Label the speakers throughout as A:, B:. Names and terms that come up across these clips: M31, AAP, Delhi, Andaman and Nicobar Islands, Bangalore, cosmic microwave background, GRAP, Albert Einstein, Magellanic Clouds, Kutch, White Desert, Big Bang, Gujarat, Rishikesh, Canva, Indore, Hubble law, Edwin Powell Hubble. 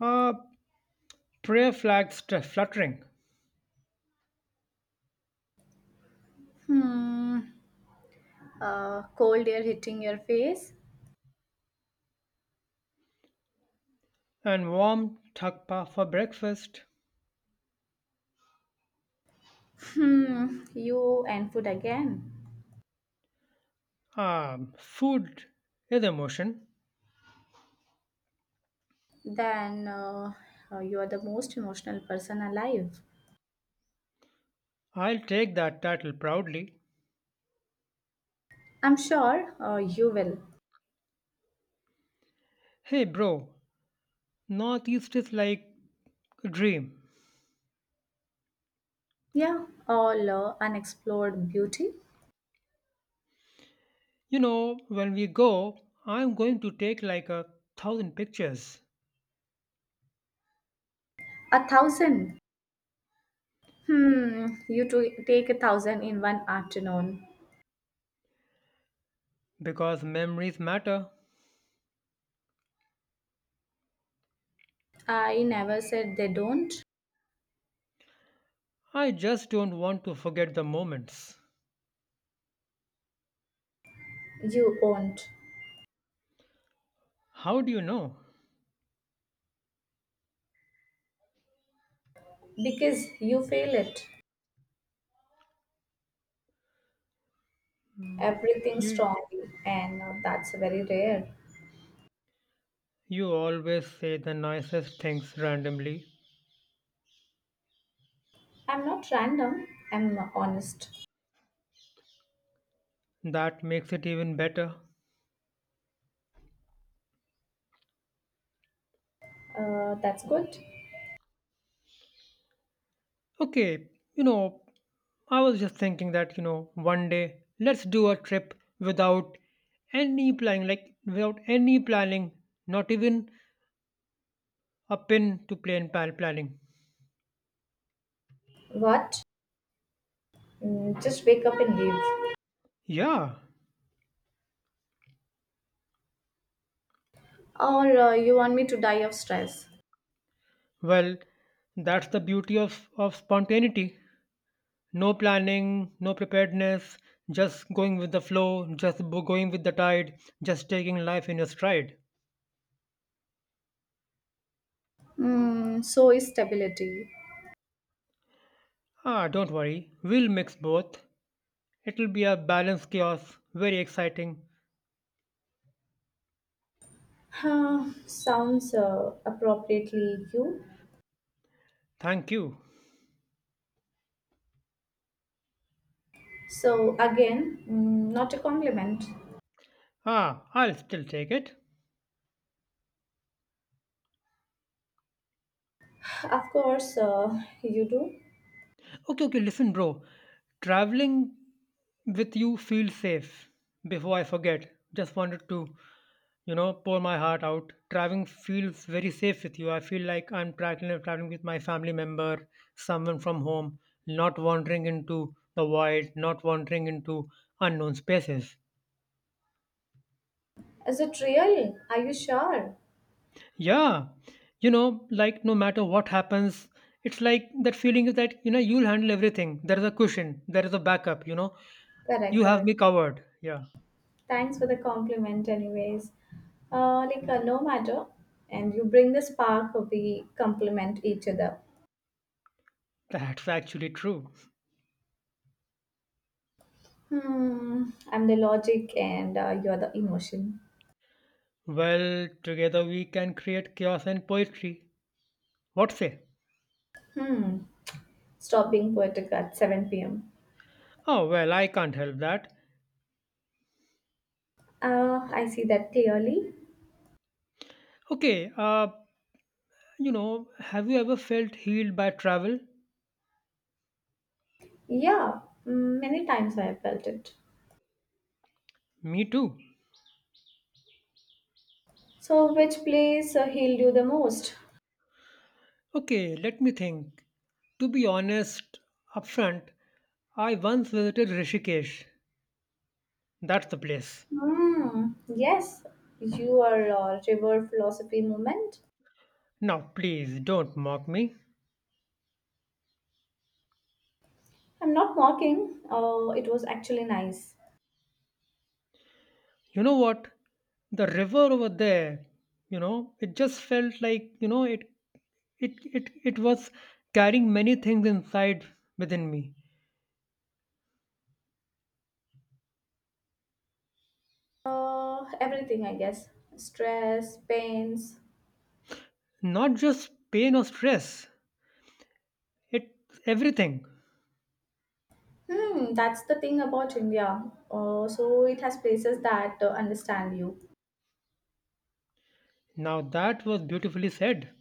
A: Uh, Prayer flags fluttering
B: Hmm. Cold air hitting your face.
A: and warm thakpa for breakfast.
B: Hmm. You and food again.
A: Food is emotion.
B: Then you are the most emotional person alive.
A: I'll take that title proudly.
B: I'm sure you will.
A: Hey, bro, Northeast is like a dream.
B: Yeah. All unexplored beauty.
A: When we go, I'm going to take like 1,000 pictures
B: A thousand. Hmm. You to take a thousand in one afternoon.
A: because memories matter.
B: I never said they don't.
A: I just don't want to forget the moments.
B: You won't.
A: How do you know?
B: Because you feel it. Everything
A: You
B: strongly, and that's very rare.
A: you always say the nicest things randomly.
B: I'm not random, I'm honest.
A: That makes it even better.
B: That's good.
A: Okay, you know, I was just thinking that, one day let's do a trip without any planning, like without any planning, not even a pin to plan pal planning.
B: What? Mm, just wake up and leave.
A: Yeah,
B: Or you want me to die of stress?
A: well, that's the beauty of spontaneity. No planning, no preparedness, just going with the flow, just going with the tide, just taking life in your stride.
B: Mm, so is stability.
A: Ah, don't worry, we'll mix both. It'll be a balanced chaos. Very exciting.
B: Huh, sounds appropriately you.
A: Thank you.
B: So, again, mm, not a compliment.
A: Ah, I'll still take it.
B: Of course, you do.
A: Okay, okay, listen, bro. Traveling with you feels safe. Before I forget, just wanted to pour my heart out. Traveling feels very safe with you. I feel like I'm traveling with my family member, someone from home, not wandering into the void, not wandering into unknown spaces.
B: Is it real? Are you sure?
A: Yeah, like no matter what happens, it's like that feeling is that you know you'll handle everything. There is a cushion, there is a backup.
B: Correct,
A: You have me
B: correct.
A: covered. Yeah,
B: Thanks for the compliment, anyways. Like, no matter, and you bring the spark, we complement each other.
A: that's actually true.
B: Hmm, I'm the logic, and you're the emotion.
A: Well, together we can create chaos and poetry. What say?
B: Hmm, stop being poetic at 7 pm.
A: Oh well, I can't help that.
B: I see that clearly.
A: Okay, have you ever felt healed by travel?
B: Yeah, mm, many times I have felt it.
A: Me too.
B: So, which place healed you the most?
A: Okay, let me think. To be honest, upfront, I once visited Rishikesh. That's the place.
B: Hmm, yes, you are a river philosophy movement.
A: Now, please don't mock me.
B: I'm not mocking. It was actually nice.
A: You know what? The river over there, it just felt like, it was carrying many things inside within me.
B: Everything, I guess. Stress, pains.
A: Not just pain or stress. It's everything.
B: Hmm, that's the thing about India. So it has places that understand you.
A: Now that was beautifully said.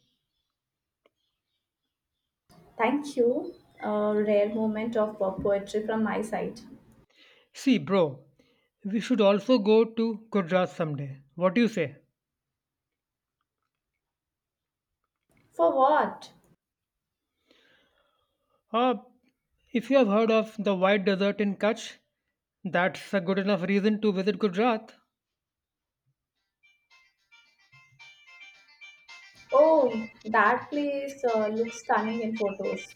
B: Thank you. A rare moment of poetry from my side.
A: See, bro, we should also go to Gujarat someday. What do you say?
B: For what?
A: Uh, if you have heard of the White Desert in Kutch, that's a good enough reason to visit Gujarat.
B: Oh, that place looks stunning in photos.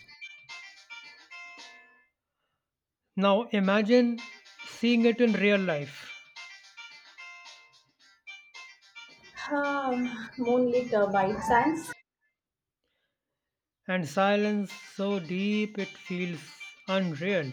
A: Now imagine seeing it in real life
B: Ah, moonlit white sands.
A: and silence so deep it feels unreal.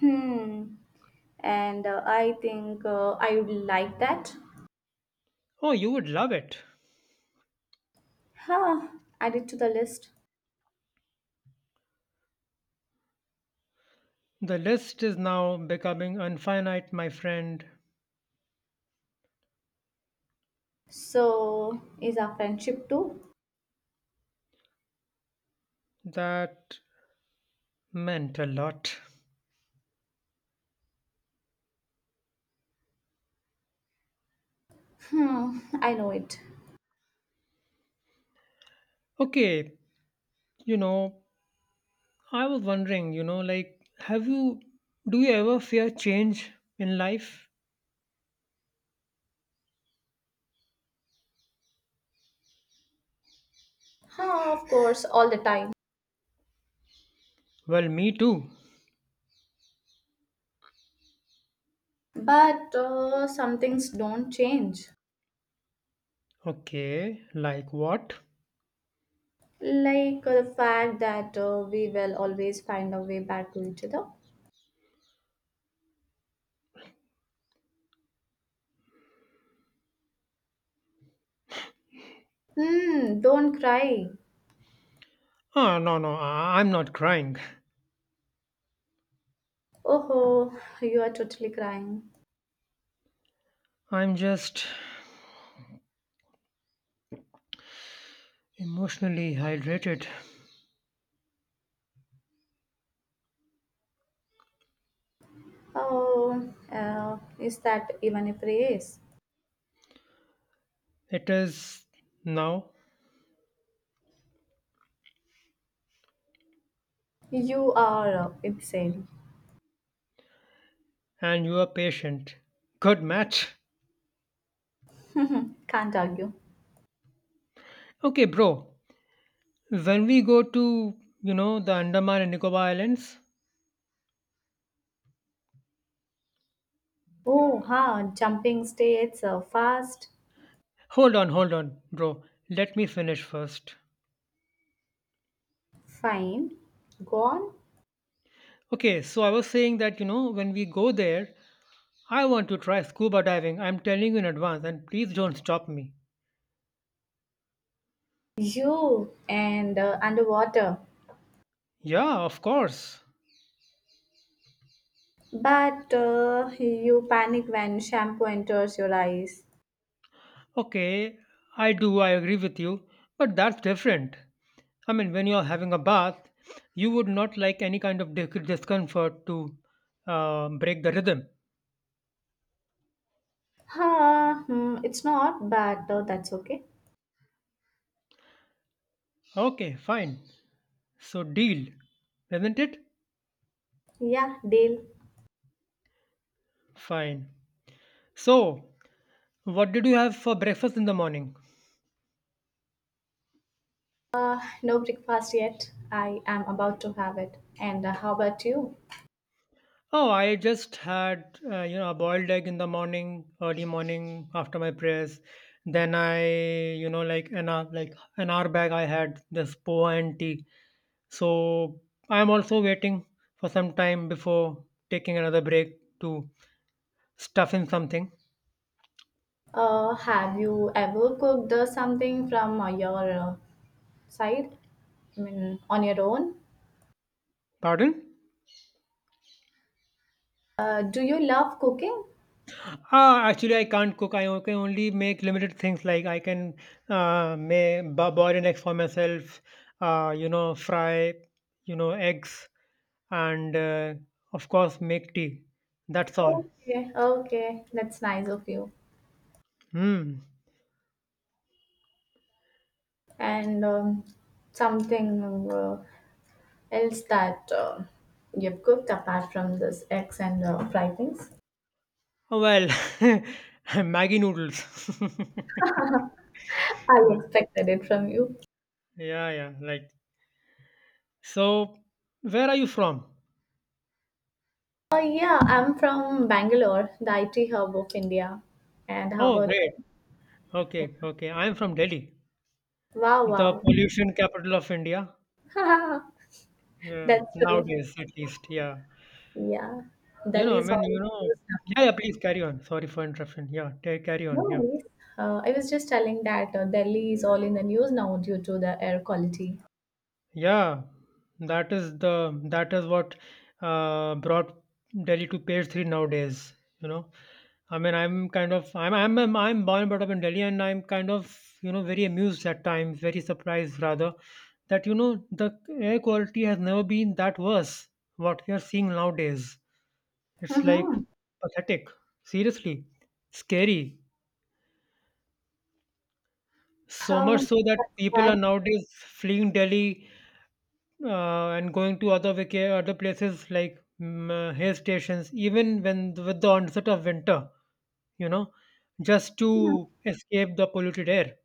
B: Hmm. And I think I would like that.
A: Oh, you would love it.
B: Huh. Add it to the list.
A: The list is now becoming infinite, my friend.
B: So, is our friendship too?
A: That meant a lot.
B: Hmm, I know it.
A: Okay, you know, I was wondering, like, do you ever fear change in life?
B: Huh, of course, all the time.
A: Well, me too.
B: But some things don't change.
A: Okay, like what?
B: Like the fact that we will always find a way back to each other. Hmm, don't cry.
A: Ah, no, no, I'm not crying.
B: Oh, you are totally crying.
A: I'm just emotionally hydrated.
B: Oh, is that even a praise?
A: It is now,
B: You are insane.
A: and you are patient. Good match.
B: Can't argue.
A: Okay, bro. When we go to, the Andaman and Nicobar Islands,
B: Oh, huh, jumping states fast,
A: hold on, hold on, bro. Let me finish first.
B: fine, gone.
A: Okay, so I was saying that, when we go there, I want to try scuba diving. I'm telling you in advance, and please don't stop me.
B: You and underwater.
A: Yeah, of course.
B: But you panic when shampoo enters your eyes.
A: Okay, I do, I agree with you, but that's different. I mean, when you're having a bath, you would not like any kind of discomfort to break the rhythm.
B: Huh, hmm, it's not, but that's okay.
A: Okay, fine. So, deal, isn't it?
B: Yeah, deal.
A: Fine. So, what did you have for breakfast in the morning?
B: No breakfast yet. I am about to have it. And how about you?
A: Oh, I just had a boiled egg in the morning, early morning after my prayers. Then I like an hour back I had this poa and tea. So I'm also waiting for some time before taking another break to stuff in something.
B: Have you ever cooked something from your side? I mean, on your own?
A: Pardon?
B: Do you love cooking?
A: Actually, I can't cook. I can only make limited things like I can uh, may, boil an egg for myself, fry, eggs, and of course, make tea. That's all.
B: Okay, okay, that's nice of you.
A: Hmm.
B: And something else that you've cooked apart from this eggs and fried things?
A: Oh, well, Maggie noodles.
B: I
A: Uh,
B: expected it from you.
A: yeah, yeah, like so, where are you from?
B: Oh, yeah, I'm from Bangalore, the IT hub of India. And how
A: Oh,
B: about
A: great.
B: you? Yeah.
A: Okay, okay. I'm from Delhi,
B: Wow,
A: the
B: wow.
A: pollution capital of India. Yeah,
B: That's true.
A: nowadays at least. Yeah.
B: Yeah. Delhi
A: I
B: is
A: mean,
B: all in the news now.
A: yeah, yeah, please carry on. Sorry for interruption. Yeah, carry on.
B: No
A: Yeah.
B: worries. I was just telling that Delhi is all in the news now due to the air quality.
A: Yeah, that is the that is what brought Delhi to page three nowadays. You know, I mean, I'm kind of I'm born and brought up in Delhi, and I'm kind of very amused at times, very surprised rather that the air quality has never been that worse. What we are seeing nowadays, it's like
B: Mm-hmm.
A: pathetic. Seriously, scary. So much
B: Oh,
A: so that
B: that's
A: people are
B: bad.
A: nowadays fleeing Delhi and going to other other places like hill stations, even when with the onset of winter, you know, just to escape the polluted air.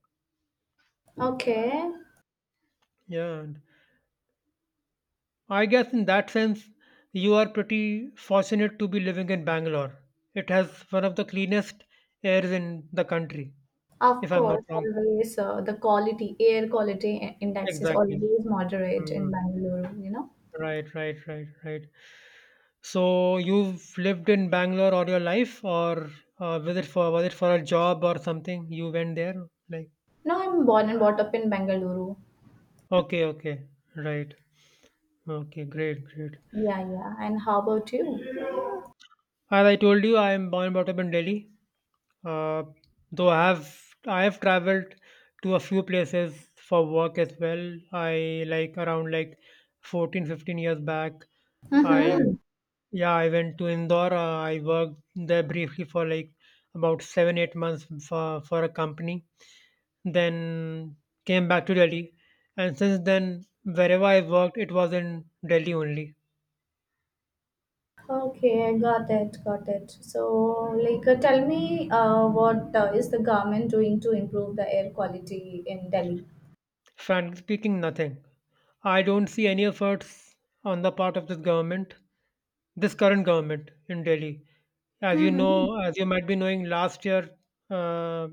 B: Okay,
A: Yeah, and I guess in that sense, you are pretty fortunate to be living in Bangalore. It has one of the cleanest airs in the country,
B: of
A: if I'm not
B: course,
A: wrong.
B: always the quality, air quality I- index is
A: Exactly.
B: always moderate in
A: Mm.
B: Bangalore, you know.
A: Right, right, right, right. So you've lived in Bangalore all your life, or was it for a job or something? You went there, like
B: No, I'm born and brought up in Bangalore.
A: okay, okay, right, okay, great, great.
B: Yeah, yeah. And how about you?
A: As I told you, I am born and brought up in Delhi. Uh, though I have traveled to a few places for work as well. I like around like 14, 15 years back. I
B: Mm-hmm.
A: Yeah, I went to Indore. I worked there briefly for like about 7, 8 months for a company. Then came back to Delhi. And since then, wherever I worked, it was in Delhi only.
B: Okay, I got it, got it. So, like, tell me, what is the government doing to improve the air quality in Delhi?
A: Frankly speaking, nothing. I don't see any efforts on the part of this government, this current government in Delhi. As you
B: Mm-hmm.
A: know, as you might be knowing, last year uh,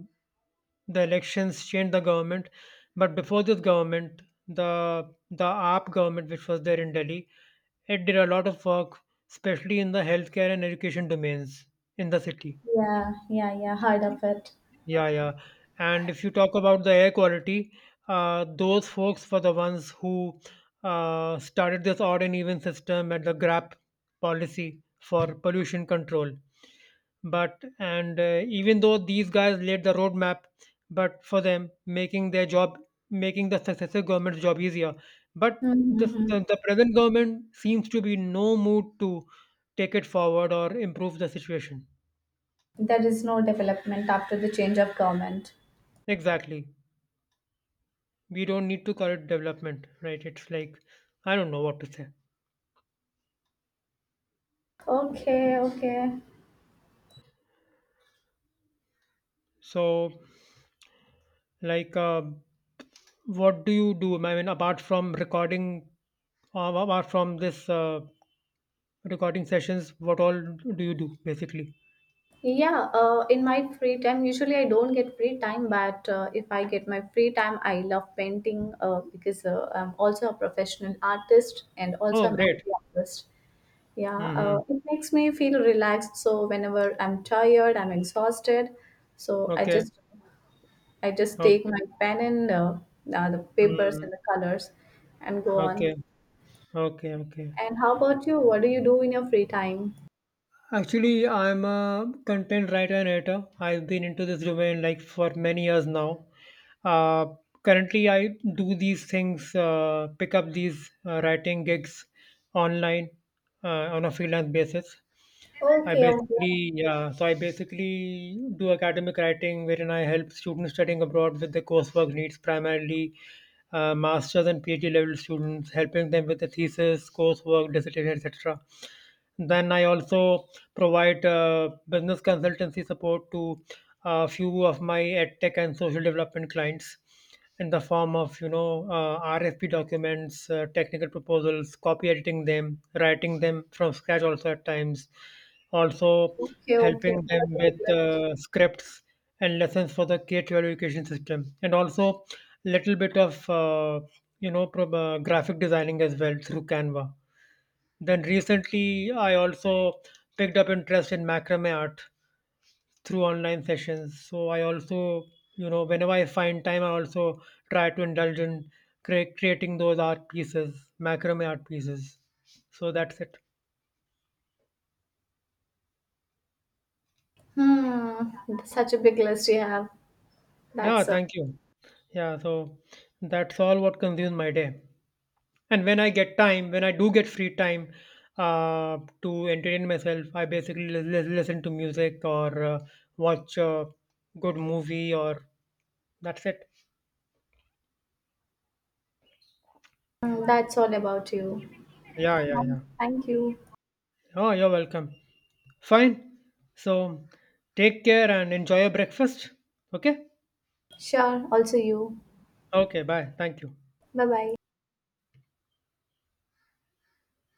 A: the elections changed the government, but before this government, the AAP government which was there in Delhi, it did a lot of work, especially in the healthcare and education domains in the city.
B: Yeah, yeah, yeah. Heard of it.
A: Yeah, yeah. And if you talk about the air quality, those folks were the ones who started this odd and even system and the GRAP policy for pollution control. But and even though these guys laid the roadmap, but for them making their job, making the successive government's job easier. But this,
B: Mm-hmm.
A: the, the present government seems to be in no mood to take it forward or improve the situation.
B: There is no development after the change of government.
A: Exactly. We don't need to call it development, right? It's like I don't know what to say.
B: Okay, okay.
A: So, like, what do you do? I mean, apart from recording, apart from this recording sessions, what all do you do basically?
B: Yeah, in my free time, usually I don't get free time, but if I get my free time, I love painting because I'm also a professional artist and
A: Oh,
B: also a
A: great.
B: mental artist. Yeah,
A: Mm-hmm.
B: it makes me feel relaxed. So whenever I'm tired, I'm exhausted, so I
A: Okay,
B: just I just take
A: okay.
B: my pen and the papers
A: Mm.
B: and the colors and go on.
A: Okay, okay, okay.
B: And how about you? What do you do in your free time?
A: Actually, I'm a content writer and editor. I've been into this domain like for many years now. Uh, Currently, I do these things, pick up these writing gigs online uh, on a freelance basis.
B: Okay, okay,
A: Yeah, so I basically do academic writing wherein I help students studying abroad with their coursework needs, primarily master's and PhD level students, helping them with the thesis, coursework, dissertation, etc. Then I also provide business consultancy support to a few of my edtech and social development clients in the form of RFP documents, technical proposals, copy editing them, writing them from scratch also at times, also
B: okay, okay.
A: helping
B: Such
A: them
B: a big
A: with
B: list.
A: scripts and lessons for the K-12 education system, and also little bit of graphic designing as well through Canva. Then recently, I also picked up interest in macrame art through online sessions. So I also, whenever I find time, I also try to indulge in creating those art pieces, macrame art pieces. So that's it.
B: Hmm, such a big list you have.
A: Yeah,
B: That's
A: thank you. Yeah, so that's all what consumes my day. And when I get time, when I do get free time to entertain myself, I basically listen to music or watch a good movie or that's it.
B: hmm, that's all about you.
A: Yeah, yeah, yeah.
B: Thank you.
A: Oh, you're welcome. Fine. So take care and enjoy your breakfast. Okay?
B: Sure. Also you.
A: Okay, bye. Thank you.
B: Bye bye.